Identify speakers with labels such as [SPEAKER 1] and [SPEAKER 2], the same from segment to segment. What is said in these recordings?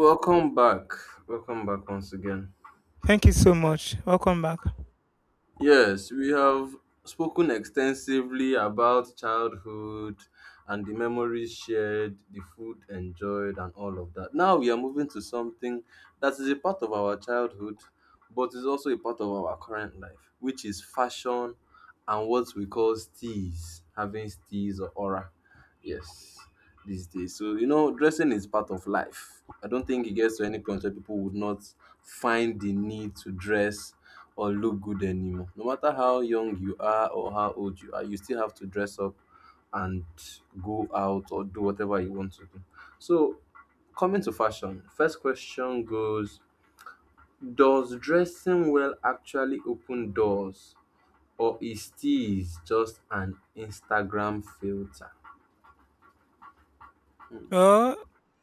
[SPEAKER 1] Welcome back. Welcome back once again.
[SPEAKER 2] Thank you so much. Welcome back.
[SPEAKER 1] Yes, we have spoken extensively about childhood and the memories shared, the food enjoyed, and all of that. Now we are moving to something that is a part of our childhood, but is also a part of our current life, which is fashion and what we call steez, having steez or aura. Yes, these days. So, you know, dressing is part of life. I don't think it gets to any point where people would not find the need to dress or look good anymore. No matter how young you are or how old you are, you still have to dress up and go out or do whatever you want to do. So, coming to fashion, first question goes: does dressing well actually open doors, or is this just an Instagram filter?
[SPEAKER 2] Well,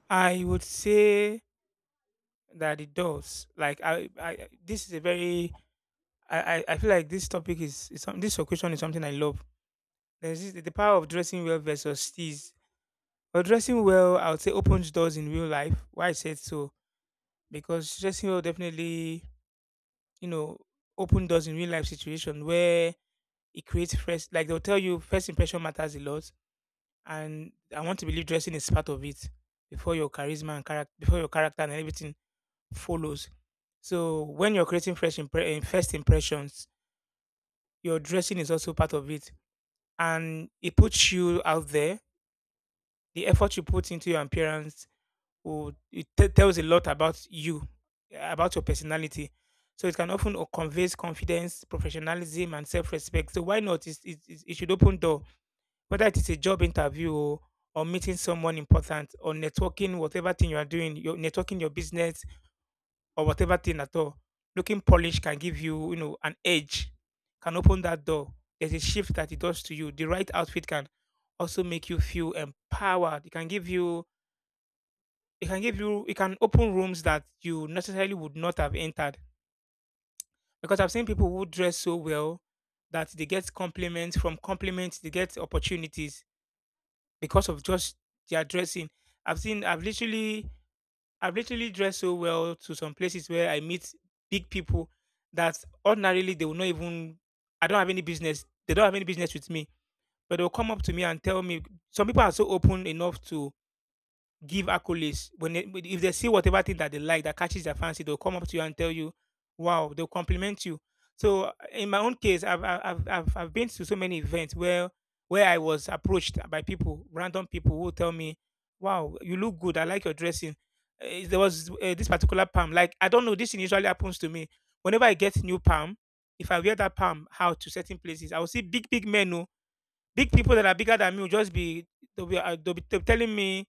[SPEAKER 2] I would say that it does. Like I this is a very I feel like this question is something I love. There's the power of dressing well versus tease. Well, dressing well, I would say opens doors in real life. Why I said so? Because dressing well definitely, you know, open doors in real life situation where it creates first. Like they'll tell you, first impression matters a lot, and I want to believe dressing is part of it before your charisma and character before your character and everything follows. So when you're creating first impressions, your dressing is also part of it, and it puts you out there. The effort you put into your appearance tells a lot about you, about your personality. So it can often conveys confidence, professionalism, and self-respect. So why not? It should open door, whether it is a job interview, or meeting someone important, or networking, whatever thing you are doing, your networking your business or whatever thing at all, looking polished can give you, an edge, can open that door. There's a shift that it does to you. The right outfit can also make you feel empowered. It can give you, it can give you, it can open rooms that you necessarily would not have entered. Because I've seen people who dress so well that they get compliments, they get opportunities because of just their dressing. I've seen I've literally I've literally dressed so well to some places where I meet big people that ordinarily they will not even, I don't have any business. They don't have any business with me. But they'll come up to me and tell me, some people are so open enough to give accolades. When if they see whatever thing that they like, that catches their fancy, they'll come up to you and tell you, "Wow!" They'll compliment you. So in my own case, I've been to so many events where I was approached by people, random people, who tell me, "Wow, you look good. I like your dressing." There was this particular palm. Like, I don't know. This thing usually happens to me whenever I get new palm. If I wear that palm out to certain places, I will see big big men. Oh, big people that are bigger than me will just be, they'll be telling me,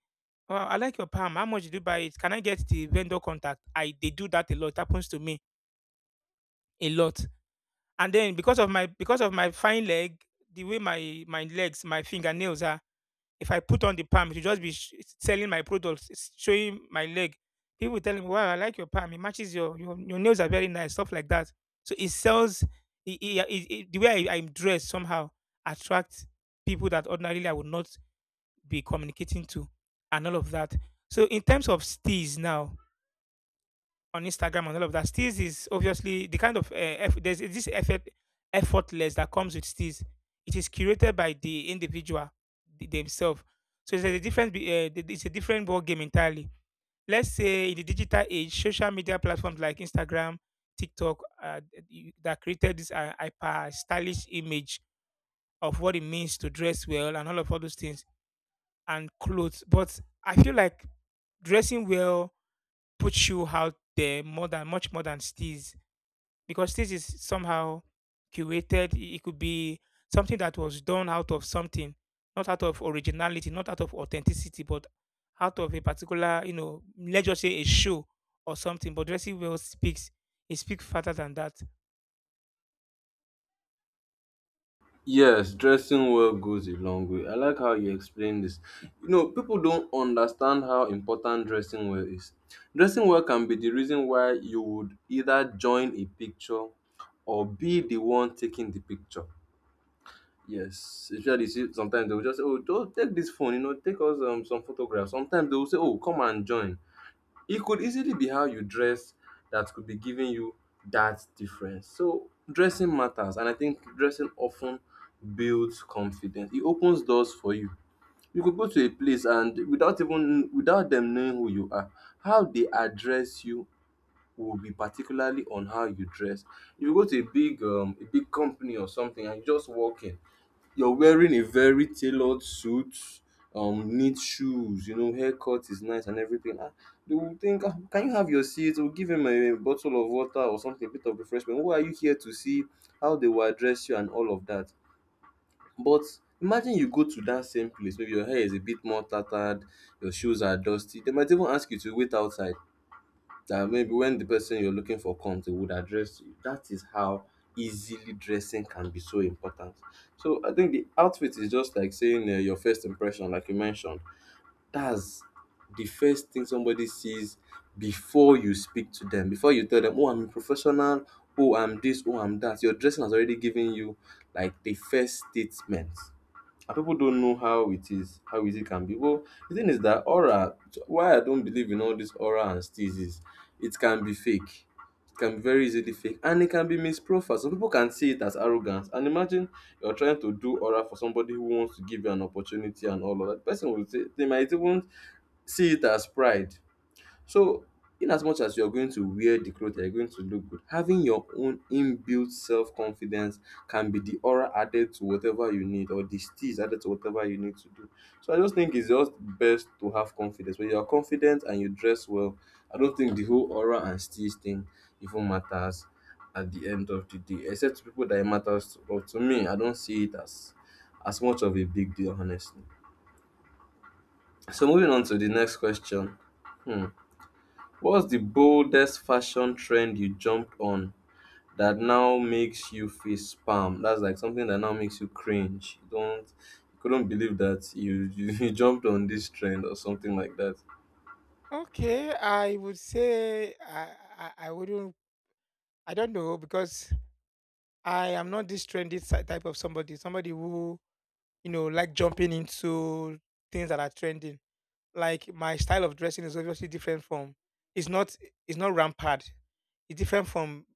[SPEAKER 2] "Oh, I like your palm. How much did you buy it? Can I get the vendor contact?" I they do that a lot. It happens to me a lot. And then because of my fine leg, the way my legs, my fingernails are, if I put on the palm, it will just be selling my products, showing my leg. People will tell me, "Wow, I like your palm. It matches your your nails are very nice." Stuff like that. So it sells. The way I'm dressed somehow attracts people that ordinarily I would not be communicating to, and all of that. So in terms of steals now on Instagram and all of that, steals is obviously the kind of there's this effortless that comes with steals. It is curated by the individual themselves. So there's a different be- th- it's a different ball game entirely. Let's say in the digital age, social media platforms like Instagram, TikTok, that created this hyper stylish image of what it means to dress well, and all those things and clothes. But I feel like dressing well puts you out there more than much more than steez, because steez is somehow curated. It could be something that was done out of something, not out of originality, not out of authenticity, but out of a particular, let's just say, a show or something. But dressing well speaks. It speaks further than that.
[SPEAKER 1] Yes, dressing well goes a long way. I like how you explain this. You know, people don't understand how important dressing well is. Dressing well can be the reason why you would either join a picture or be the one taking the picture. Yes, especially you see, sometimes they will just say, "Oh, don't take this phone, you know, take us some photographs." Sometimes they will say, "Oh, come and join." It could easily be how you dress that could be giving you that difference. So dressing matters, and I think dressing often builds confidence. It opens doors for you. You could go to a place and without even without them knowing who you are, how they address you will be particularly on how you dress. If you go to a big company or something and you just walk in, you're wearing a very tailored suit, neat shoes, you know, haircut is nice and everything. Ah, they will think, ah, can you have your seat? We'll give him a bottle of water or something, a bit of refreshment. Who are you here to see? How they will address you and all of that. But imagine you go to that same place, maybe your hair is a bit more tattered, your shoes are dusty. They might even ask you to wait outside, that maybe when the person you're looking for comes, they would address you. That is how easily dressing can be so important. So I think the outfit is just like saying your first impression, like you mentioned. That's the first thing somebody sees before you speak to them, before you tell them, oh, I'm a professional, oh, I'm this, oh, I'm that. Your dressing has already given you like the first statement, and people don't know how it is, how easy it can be. Well, the thing is that aura, why I don't believe in all this aura and steeze is it can be fake. It can be very easily fake and it can be misprofiled. Some people can see it as arrogance. And imagine you're trying to do aura for somebody who wants to give you an opportunity and all of that. The person will say they might even see it as pride. So in as much as you're going to wear the clothes that you're going to look good, having your own inbuilt self-confidence can be the aura added to whatever you need or the steeze added to whatever you need to do. So I just think it's just best to have confidence. When you are confident and you dress well, I don't think the whole aura and steeze thing even matters at the end of the day, except to people that it matters to. But to me, I don't see it as much of a big deal, honestly. So moving on to the next question. Hmm. What's the boldest fashion trend you jumped on that now makes you face palm? That's like something that now makes you cringe. You don't, you couldn't believe that you you jumped on this trend or something like that.
[SPEAKER 2] Okay, I would say I I wouldn't I don't know, because I am not this trendy type of somebody. Somebody who, like, jumping into things that are trending. Like, my style of dressing is obviously different from, it's not it's not rampant. It's different from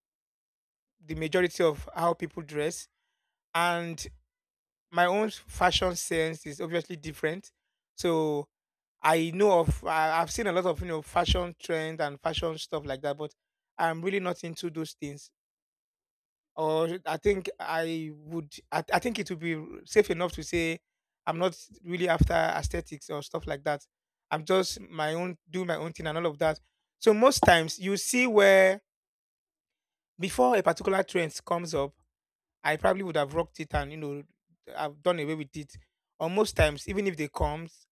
[SPEAKER 2] the majority of how people dress. And my own fashion sense is obviously different. So I've seen a lot of fashion trends and fashion stuff like that, but I'm really not into those things. Or I think it would be safe enough to say I'm not really after aesthetics or stuff like that. I'm just my own do my own thing and all of that. So most times, you see, where before a particular trend comes up, I probably would have rocked it, and I've done away with it. Or most times, even if they comes,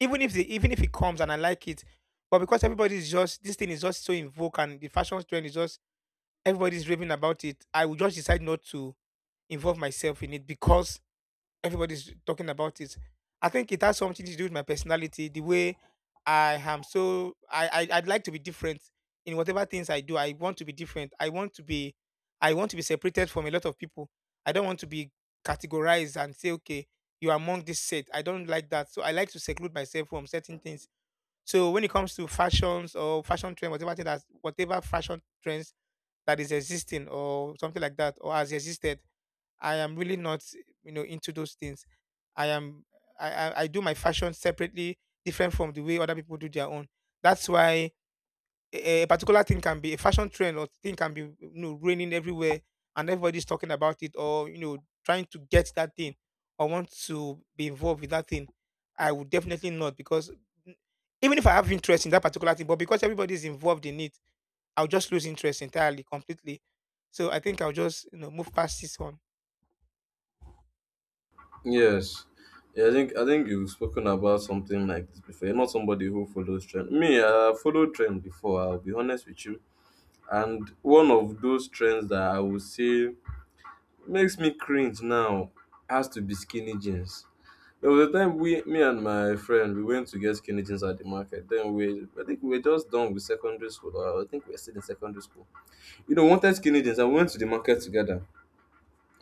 [SPEAKER 2] even if they even if it comes and I like it, but because everybody is just this thing is just so in vogue, and the fashion trend is just, everybody's raving about it, I would just decide not to involve myself in it, because everybody's talking about it. I think it has something to do with my personality, the way I am. So I'd like to be different in whatever things I do. I want to be different. I want to be, separated from a lot of people. I don't want to be categorized and say, okay, you're among this set. I don't like that. So I like to seclude myself from certain things. So when it comes to fashions or fashion trend, whatever fashion trends that is existing or something like that, or has existed, I am really not, into those things. I am, I do my fashion separately, different from the way other people do their own. That's why a particular thing can be a fashion trend, or thing can be, raining everywhere, and everybody's talking about it, or trying to get that thing, or want to be involved with that thing, I would definitely not, because even if I have interest in that particular thing, but because everybody's involved in it, I'll just lose interest entirely, completely. So I think I'll just, move past this one.
[SPEAKER 1] Yes. Yeah, I think you've spoken about something like this before. You're not somebody who follows trend. Me, I followed trend before, I'll be honest with you. And one of those trends that I would say makes me cringe now has to be skinny jeans. There was a time we, me and my friend, we went to get skinny jeans at the market. Then we, I think we were just done with secondary school. Or I think we were still in secondary school. You know, wanted skinny jeans, and we went to the market together,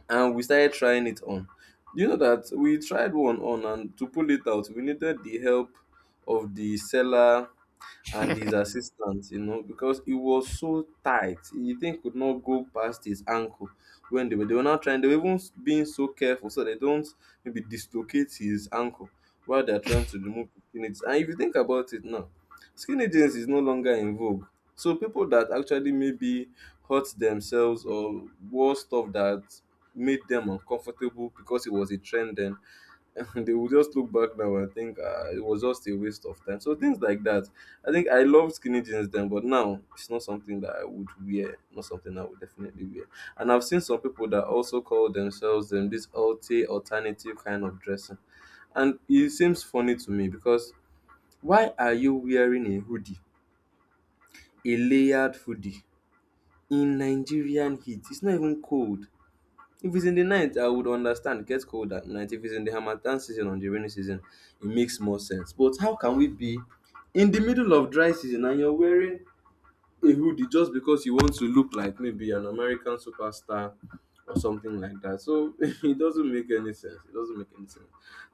[SPEAKER 1] and we started trying it on. You know that we tried one on, and to pull it out, we needed the help of the seller and his assistant, you know, because it was so tight. The thing could not go past his ankle when they were not trying, they were even being so careful so they don't maybe dislocate his ankle while they're trying to remove the skin jeans. And if you think about it now, skinny jeans is no longer in vogue. So people that actually maybe hurt themselves or wore stuff that made them uncomfortable because it was a trend then they will just look back now and think it was just a waste of time. So things like that. I think I loved skinny jeans then, but now it's not something that I would wear. Not something I would definitely wear. And I've seen some people that also call themselves this alternative kind of dressing, and it seems funny to me because why are you wearing a hoodie, a layered hoodie in Nigerian heat? It's not even cold. If it's in the night, I would understand. Gets cold at night. If it's in the harmattan season or the rainy season, it makes more sense. But how can we be in the middle of dry season and you're wearing a hoodie just because you want to look like maybe an American superstar or something like that? So it doesn't make any sense. It doesn't make any sense.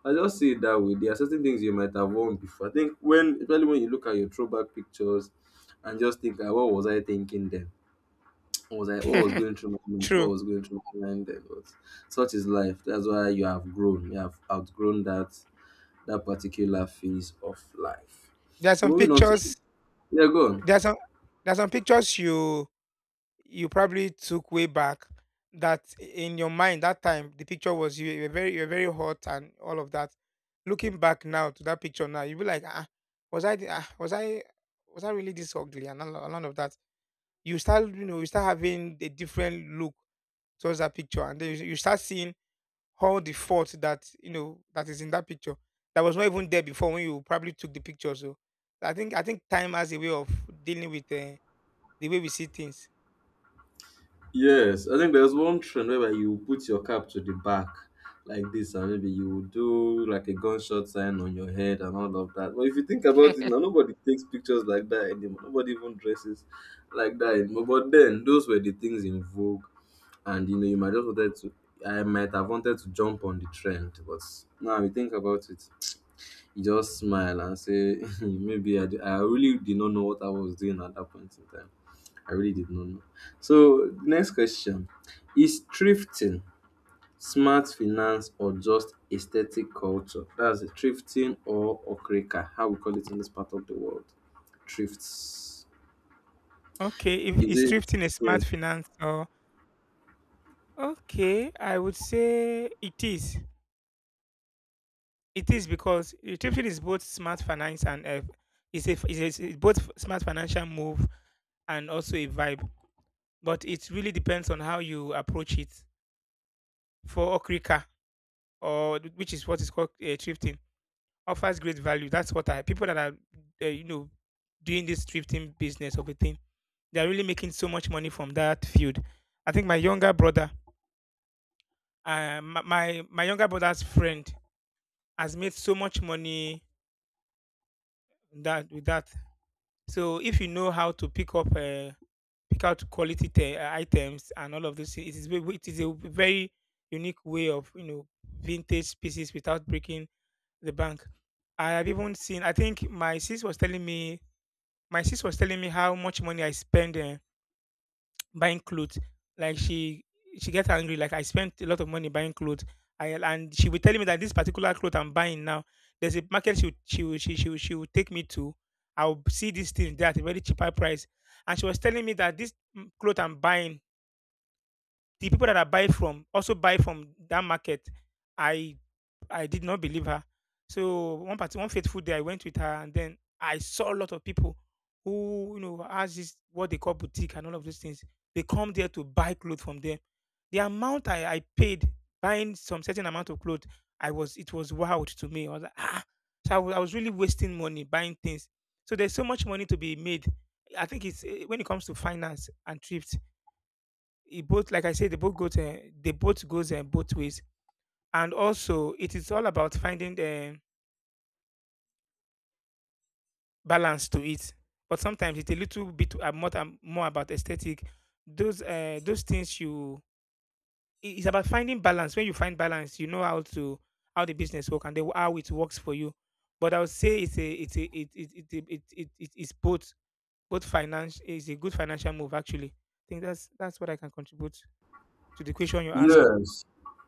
[SPEAKER 1] I just see it that way. There are certain things you might have worn before. I think when, especially when you look at your throwback pictures and just think, ah, what was I thinking then? I was like, oh, I was going through my mind, oh, I
[SPEAKER 2] True.
[SPEAKER 1] was going through my mind then. But such is life. That's why you have grown. You have outgrown that particular phase of life.
[SPEAKER 2] There are
[SPEAKER 1] So
[SPEAKER 2] some
[SPEAKER 1] moving on to,
[SPEAKER 2] pictures.
[SPEAKER 1] yeah, go on.
[SPEAKER 2] There are some. There are some pictures you probably took way back. That in your mind that time, the picture was you. You were very hot and all of that. Looking back now to that picture now, you'll be like, ah, was I the- ah, was I really this ugly, and all of that. You start having a different look towards that picture, and then you start seeing all the fault that, that is in that picture, that was not even there before when you probably took the picture. So I think time has a way of dealing with, the way we see things.
[SPEAKER 1] Yes, I think there's one trend whereby you put your cap to the back like this, and maybe you will do like a gunshot sign on your head and all of that. But if you think about it now, nobody takes pictures like that anymore. Nobody even dresses like that anymore. But then, those were the things in vogue, and you know you might just wanted to, I might have wanted to jump on the trend, but now you think about it, you just smile and say maybe I really did not know what I was doing at that point in time. I really did not know. So next question is: thrifting, smart finance or just aesthetic culture? That's a thrifting or okreka how we call it in this part of the world, thrifts.
[SPEAKER 2] Okay, if
[SPEAKER 1] Is
[SPEAKER 2] is
[SPEAKER 1] it?
[SPEAKER 2] thrifting a
[SPEAKER 1] Yeah.
[SPEAKER 2] smart finance or okay, I would say it is. It is because thrifting is both smart finance and, is both smart financial move, and also a vibe. But it really depends on how you approach it. For okrika, or which is what is called, thrifting offers great value. That's what I people that are, uh, you know doing this thrifting business of a thing, they're really making so much money from that field. I think my younger brother's friend has made so much money that with that. So if you know how to pick out quality, items and all of this, it is, a very unique way of, vintage pieces without breaking the bank. I have even seen. I think My sister was telling me how much money I spend, buying clothes. Like, she gets angry. Like, I spent a lot of money buying clothes. And she would tell me that this particular cloth I'm buying now, there's a market she would, she would, she would take me to. I'll see these things there at a very cheaper price. And she was telling me that this, cloth I'm buying, the people that I buy from also buy from that market. I I did not believe her. So one fateful day, I went with her, and then I saw a lot of people who, has this what they call boutique and all of those things. They come there to buy clothes from them. The amount I paid buying some certain amount of clothes, I was it was wild to me. I was like, ah, so I was really wasting money buying things. So there's so much money to be made. I think when it comes to finance and trips, like I said, they both goes and both ways, and also it is all about finding the balance to it. But sometimes it's a little bit more about aesthetic, those things you it's about finding balance. When you find balance, you know how to, how the business work, and the, how it works for you. But I would say it's a it it it, it, it, it it is both. Both finance is a good financial move, actually. I think that's what I can contribute to the question you ask.
[SPEAKER 1] Yes,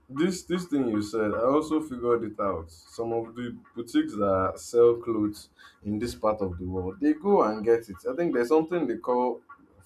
[SPEAKER 1] this thing you said, I also figured it out. Some of the boutiques that sell clothes in this part of the world, they go and get it. I think there's something they call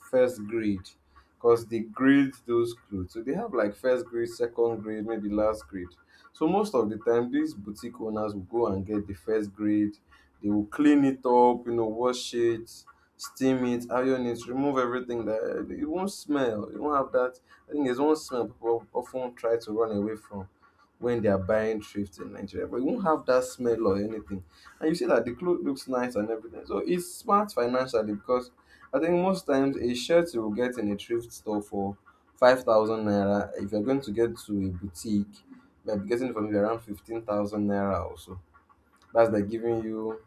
[SPEAKER 1] first grade, because they grade those clothes. So they have like first grade, second grade, maybe last grade. So most of the time, these boutique owners will go and get the first grade, they will clean it up, you know, wash it, steam it, iron it, remove everything that it won't smell. You won't have that. I think there's one smell people often try to run away from when they are buying thrift in Nigeria, but you won't have that smell or anything. And you see that the cloth looks nice and everything. So it's smart financially because I think most times a shirt you will get in a thrift store for 5,000 naira. If you're going to get to a boutique, you might be getting it from around 15,000 naira or so. That's like giving you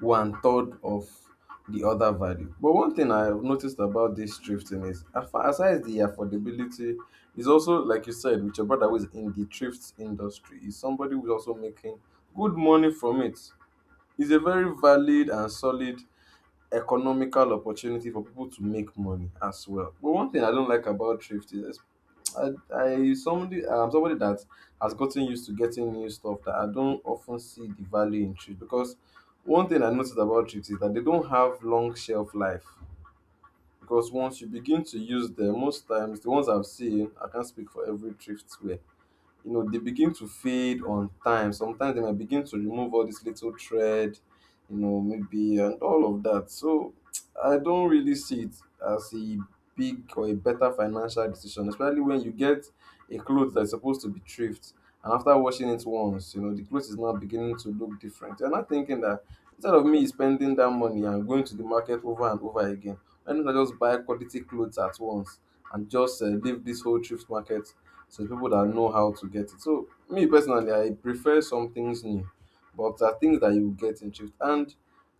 [SPEAKER 1] one third of the other value. But one thing I have noticed about this thrifting is, aside the affordability, is also like you said with your brother who is in the thrift industry, is somebody who is also making good money from it. It's a very valid and solid economical opportunity for people to make money as well. But one thing I don't like about thrift is I'm somebody that has gotten used to getting new stuff, that I don't often see the value in chips. Because one thing I noticed about chips is that they don't have long shelf life, because once you begin to use them, most times — the ones I've seen, I can't speak for every thrift wear — you know, they begin to fade on time. Sometimes they might begin to remove all this little thread, you know, maybe, and all of that. So I don't really see it as a big or a better financial decision, especially when you get a clothes that's supposed to be thrift and after washing it once, you know, the clothes is now beginning to look different. You're not thinking that, instead of me spending that money and going to the market over and over again, why don't I just buy quality clothes at once and just leave this whole thrift market, so the people that know how to get it. So me personally, I prefer some things new, but there are things that you get in thrift. And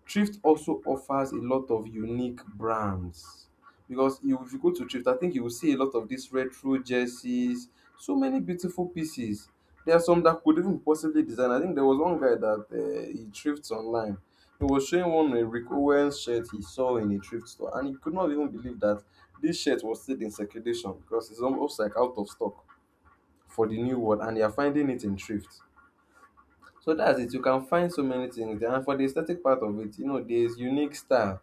[SPEAKER 1] thrift also offers a lot of unique brands, because if you go to thrift, I think you will see a lot of these retro jerseys, so many beautiful pieces. There are some that could even possibly design. I think there was one guy that he thrifts online. He was showing one — a Rick Owens shirt he saw in a thrift store, and he could not even believe that this shirt was still in circulation because it's almost like out of stock for the new world and they are finding it in thrift. So that's it. You can find so many things there. And for the aesthetic part of it, you know, there's unique style.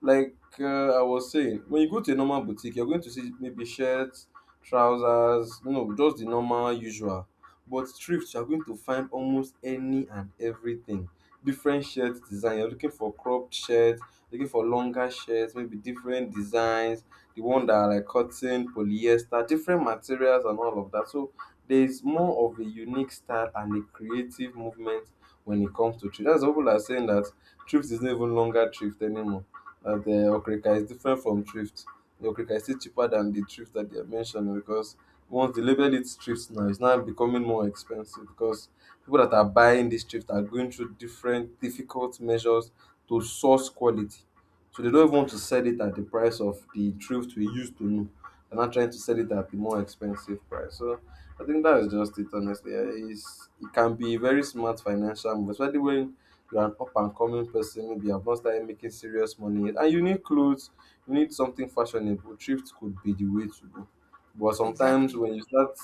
[SPEAKER 1] Like I was saying, when you go to a normal boutique, you're going to see maybe shirts, trousers, you know, just the normal usual. But thrift, you're going to find almost any and everything. Different shirt design. You're looking for cropped shirts, looking for longer shirts, maybe different designs. The one that are like cotton, polyester, different materials and all of that. So there's more of a unique style and a creative movement when it comes to thrift. That's what people are saying, that thrift is not even longer thrift anymore, and okrika is different from thrift. The okrika is still cheaper than the thrift that they have mentioned, because once they label it thrift now, it's now becoming more expensive, because people that are buying this thrift are going through different difficult measures to source quality. So they don't even want to sell it at the price of the thrift we used to know. They're not trying to sell it at the more expensive price. So I think that is just it, honestly. It can be a very smart financial move, especially when you're an up and coming person, maybe you've not started making serious money yet, and you need clothes, you need something fashionable, thrift could be the way to go. But sometimes
[SPEAKER 2] Exactly.
[SPEAKER 1] when you start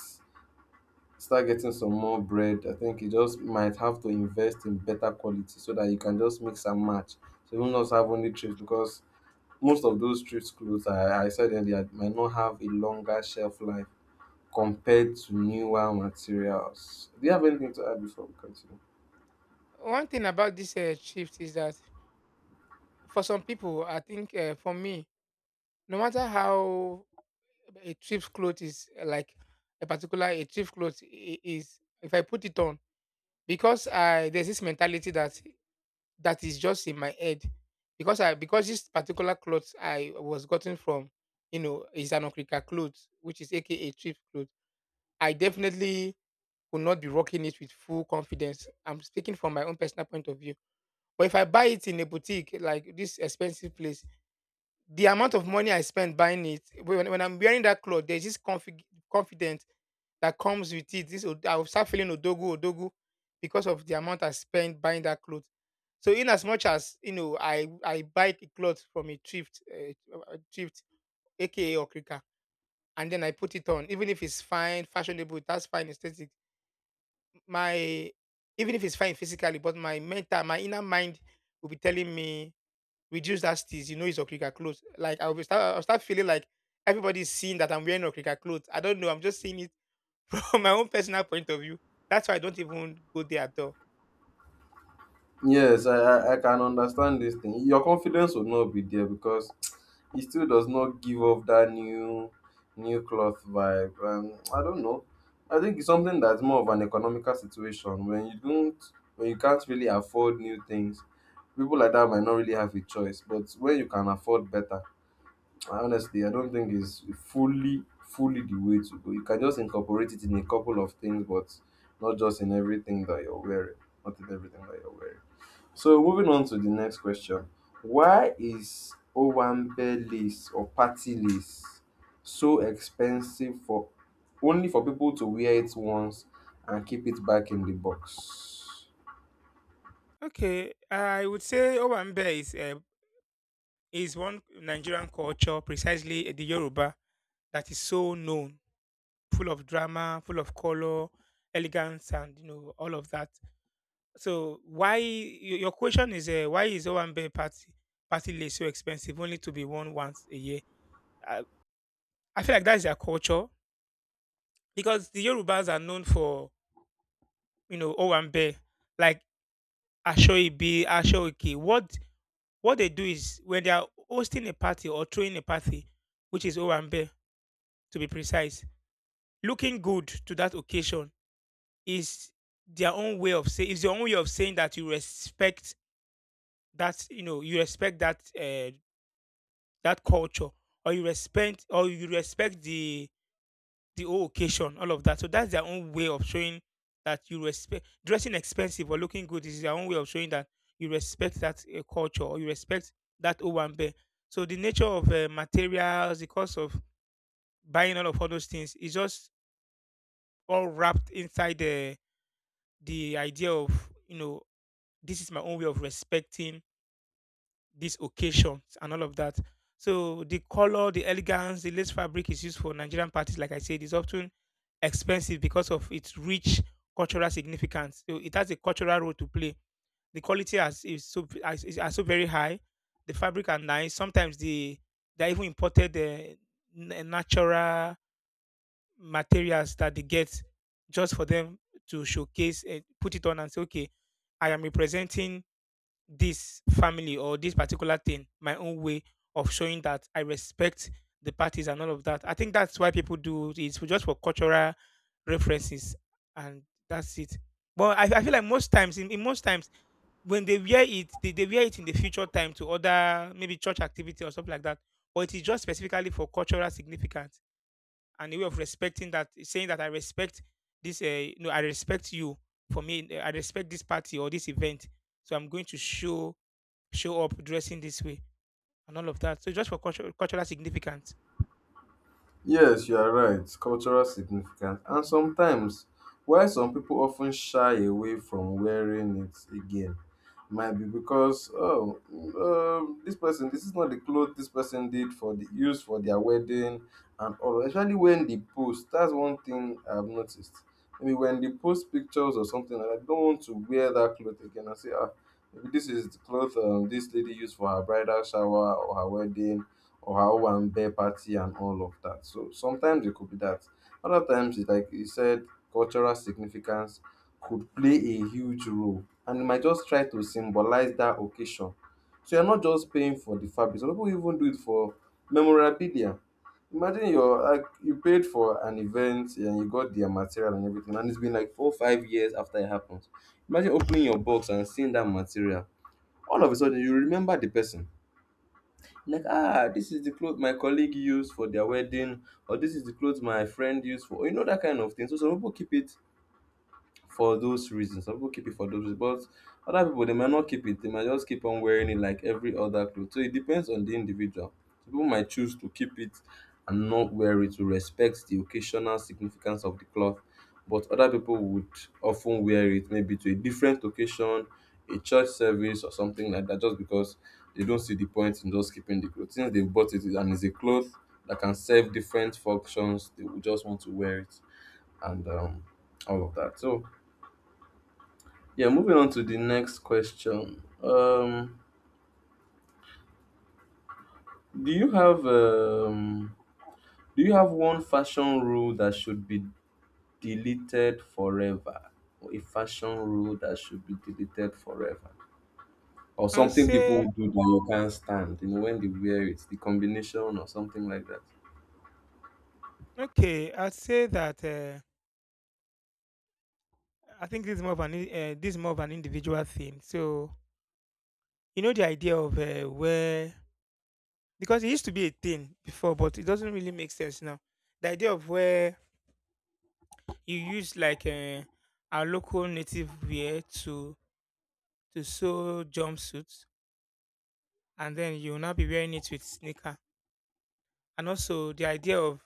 [SPEAKER 1] start getting some more bread, I think you just might have to invest in better quality so that you can just mix and match. So you will not have only thrift, because most of those thrift clothes, I said earlier, might not have a longer shelf life compared to newer materials. Do you have anything to add before we continue?
[SPEAKER 2] One thing about this shift is that for some people, I think, for me, no matter how a cheap cloth is, like a particular a cheap cloth is, if I put it on, because I there's this mentality, that that is just in my head, because I because this particular cloth I was gotten from, you know, is an okrika cloth, which is aka cheap cloth, I definitely will not be rocking it with full confidence. I'm speaking from my own personal point of view. But if I buy it in a boutique, like this expensive place, the amount of money I spend buying it, when I'm wearing that cloth, there's this confidence that comes with it. I will start feeling odogu odogu because of the amount I spent buying that cloth. So, in as much as, you know, I buy the cloth from a thrift, aka Okrika, and then I put it on, even if it's fine, fashionable, that's fine, aesthetic. My, even if it's fine physically, but my mental, my inner mind will be telling me, reduce that steeze. You know, it's Okrika clothes. Like I'll start feeling like everybody's seeing that I'm wearing Okrika clothes. I don't know. I'm just seeing it from my own personal point of view. That's why I don't even go there at all.
[SPEAKER 1] Yes, I can understand this thing. Your confidence will not be there because it still does not give off that new cloth vibe. And I don't know. I think it's something that's more of an economical situation. When you can't really afford new things, people like that might not really have a choice. But when you can afford better, I honestly I don't think it's fully fully the way to go. You can just incorporate it in a couple of things, but not just in everything that you're wearing. Not in everything that you're wearing. So moving on to the next question. Why is Owambe lace or party lace so expensive, for only for people to wear it once and keep it back in the box?
[SPEAKER 2] Okay, I would say Owambe is, is one Nigerian culture, precisely, the Yoruba, that is so known, full of drama, full of color, elegance, and you know all of that. So why your question is, why is Owambe party list so expensive, only to be worn once a year? I feel like that's their culture, because the Yorubas are known for, you know, owambe, like ashoibi, ashoike. What they do is, when they are hosting a party or throwing a party, which is owambe to be precise, looking good to that occasion is their own way of say is your own way of saying that you respect, that you know you respect that, that culture, or you respect the whole occasion, all of that. So that's their own way of showing that you respect, dressing expensive or looking good is their own way of showing that you respect that, culture, or you respect that Owambe. So the nature of materials, the cost of buying all those things is just all wrapped inside the idea of, you know, this is my own way of respecting these occasions and all of that. So the color, the elegance, the lace fabric is used for Nigerian parties, like I said, is often expensive because of its rich cultural significance. So it has a cultural role to play. The is are so very high. The fabric are nice. Sometimes they are even imported, natural materials that they get just for them to showcase and put it on and say, okay, I am representing this family or this particular thing, my own way of showing that I respect the parties and all of that. I think that's why people do it. It's for just for cultural references, and that's it. But I feel like in most times when they wear it, they wear it in the future time to other, maybe church activity or something like that. But it is just specifically for cultural significance, and a way of respecting, that saying that I respect this, you I respect you, I respect this party or this event. So I'm going to show up dressing this way and all of that. So, just for cultural, cultural significance.
[SPEAKER 1] Yes, you are right. Cultural significance. And sometimes, why some people often shy away from wearing it again might be because, oh, this person — this is not the clothes this person did for the use for their wedding and all. Especially when they post, that's one thing I've noticed. Maybe when they post pictures or something, and I don't want to wear that cloth again. I say, ah, maybe this is the cloth this lady used for her bridal shower or her wedding or how one bear party and all of that. So sometimes it could be that. Other times, it, like you said, cultural significance could play a huge role, and it might just try to symbolize that occasion. So you're not just paying for the fabric. Some people even do it for memorabilia. Imagine you're like you paid for an event and you got their material and everything, and it's been like 4 5 years after it happens. Imagine opening your box and seeing that material. All of a sudden, you remember the person, like, ah, this is the clothes my colleague used for their wedding, or this is the clothes my friend used for, you know, that kind of thing. So some people keep it for those reasons. Some people keep it for those reasons, but other people, they might not keep it. They might just keep on wearing it like every other clothes. So it depends on the individual. Some people might choose to keep it and not wear it to respect the occasional significance of the cloth, but other people would often wear it maybe to a different occasion, a church service or something like that, just because they don't see the point in just keeping the clothes. Since they bought it and it's a cloth that can serve different functions, they would just want to wear it and all of that. So yeah, moving on to the next question. Do you have um, do you have one fashion rule that should be deleted forever? Or a fashion rule that should be deleted forever? Or
[SPEAKER 2] I'll
[SPEAKER 1] something
[SPEAKER 2] say,
[SPEAKER 1] people do that you can't stand, you know, when they wear it, the combination or something like that.
[SPEAKER 2] okay. I'll say that, I think this is more of an this is more of an individual thing. So you know the idea of, where, because it used to be a thing before, but it doesn't really make sense now. The idea of where you use like, our local native wear to sew jumpsuits, and then you'll now be wearing it with sneaker, and also the idea of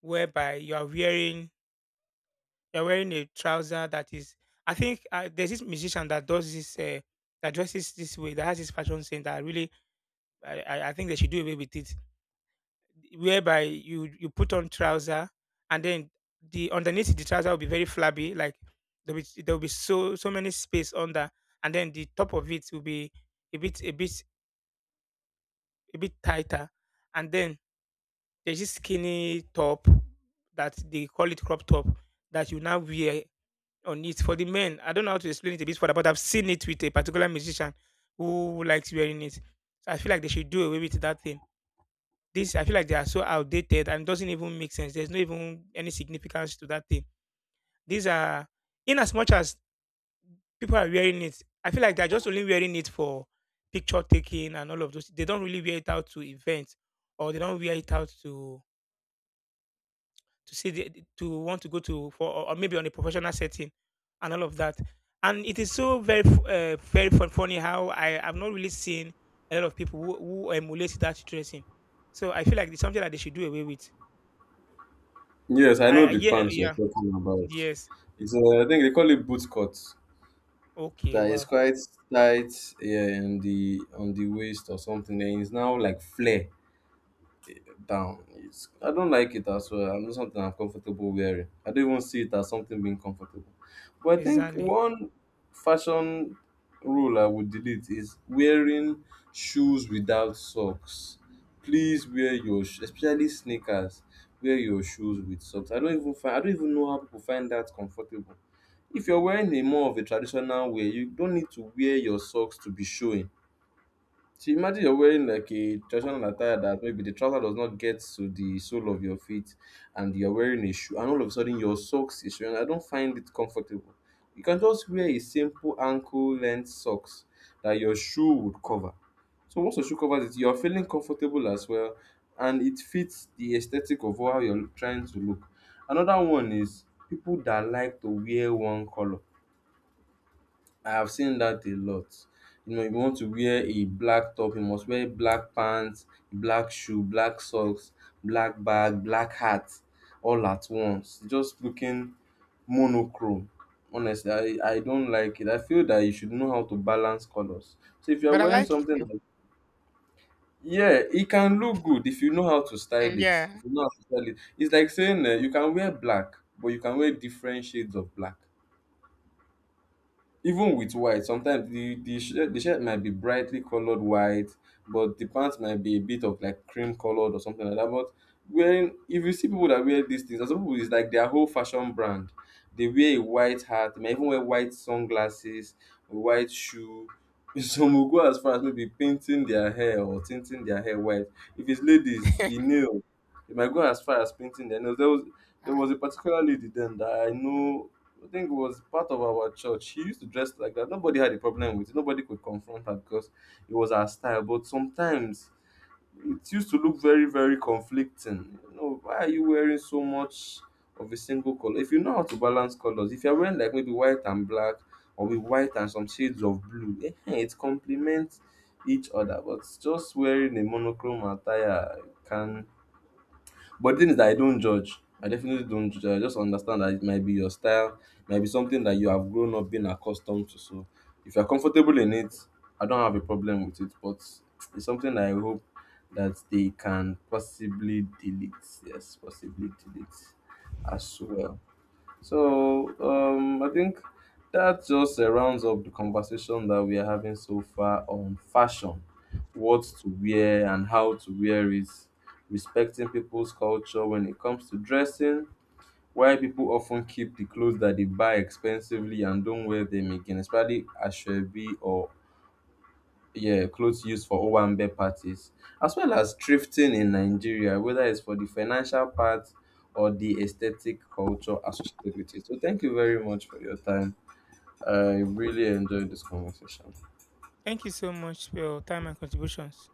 [SPEAKER 2] whereby you are wearing you're wearing a trouser, that is. I think, there's this musician that does this. That dresses this way, that has this fashion sense, that really, I think they should do away with it. Whereby you put on trouser, and then the underneath the trouser will be very flabby. Like there will be so many space under, and then the top of it will be a bit a bit tighter. And then there's this skinny top that they call it crop top, that you now wear on it for the men. I don't know how to explain it a bit further, but I've seen it with a particular musician who likes wearing it. So I feel like they should do away with that thing. This, I feel like they are so outdated and doesn't even make sense. There's no even any significance to that thing. These are, in as much as people are wearing it, I feel like they're just only wearing it for picture taking and all of those. They don't really wear it out to events, or they don't wear it out to see the, to want to go to for, or maybe on a professional setting and all of that. And it is so very very funny how I have not really seen a lot of people who emulate that dressing. So I feel like it's something that they should do away with.
[SPEAKER 1] Yes, I know the
[SPEAKER 2] Yeah,
[SPEAKER 1] pants
[SPEAKER 2] yeah,
[SPEAKER 1] you're talking about.
[SPEAKER 2] yes.
[SPEAKER 1] It's I think they call it boot cut.
[SPEAKER 2] Okay,
[SPEAKER 1] That is
[SPEAKER 2] wow.
[SPEAKER 1] quite tight, yeah, in the on the waist or something. Then it's now like flare down. I don't like it as well. I'm not Something I'm comfortable wearing. I don't even see it as something being comfortable. But I think
[SPEAKER 2] Exactly.
[SPEAKER 1] one fashion rule I would delete is wearing shoes without socks. Please wear your especially sneakers. Wear your shoes with socks. I don't even know how people find that comfortable. If you're wearing a more of a traditional wear, you don't need to wear your socks to be showing. So imagine you're wearing like a traditional attire that maybe the trouser does not get to the sole of your feet and you're wearing a shoe and all of a sudden your socks is showing. I don't find it comfortable. You can just wear a simple ankle length socks that your shoe would cover. So once your shoe covers it, you're feeling comfortable as well and it fits the aesthetic of how you're trying to look. Another one is people that like to wear one color. I have seen that a lot. You know, if you want to wear a black top, you must wear black pants, black shoe, black socks, black bag, black hat, all at once. Just looking monochrome. Honestly, I don't like it. I feel that you should know how to balance colors. So if you're
[SPEAKER 2] But I
[SPEAKER 1] wearing
[SPEAKER 2] like it,
[SPEAKER 1] something
[SPEAKER 2] though.
[SPEAKER 1] like, yeah, it can look good if you know how to
[SPEAKER 2] Mm,
[SPEAKER 1] style it.
[SPEAKER 2] yeah.
[SPEAKER 1] If you know how to style it, it's like saying you can wear black, but you can wear different shades of black. Even with white, sometimes the shirt might be brightly colored white, but the pants might be a bit of like cream colored or something like that. But when, if you see people that wear these things, and some people it's like their whole fashion brand, they wear a white hat, they might even wear white sunglasses, white shoe. Some will go as far as maybe painting their hair or tinting their hair white. If it's ladies, the nail, they might go as far as painting their nails. There was a particular lady then that I know, I think it was part of our church. She used to dress like that. Nobody had a problem with it. Nobody could confront her because it was her style. But sometimes it used to look very, very conflicting. You know, why are you wearing so much of a single color? If you know how to balance colors, if you're wearing like maybe white and black or with white and some shades of blue, eh, eh, it complements each other. But just wearing a monochrome attire can — but the thing is that I don't judge. I definitely don't judge. I just understand that it might be your style, it might be something that you have grown up being accustomed to. So if you're comfortable in it, I don't have a problem with it. But it's something that I hope that they can possibly delete. Yes, possibly delete as well. So I think that just rounds up the conversation that we are having so far on fashion, what to wear and how to wear it, respecting people's culture when it comes to dressing, why people often keep the clothes that they buy expensively and don't wear them again, especially ashwebi or, yeah, clothes used for Owambe parties, as well as thrifting in Nigeria, whether it's for the financial part or the aesthetic culture associated with it. So, thank you very much for your time. I really enjoyed this conversation.
[SPEAKER 2] Thank you so much for your time and contributions.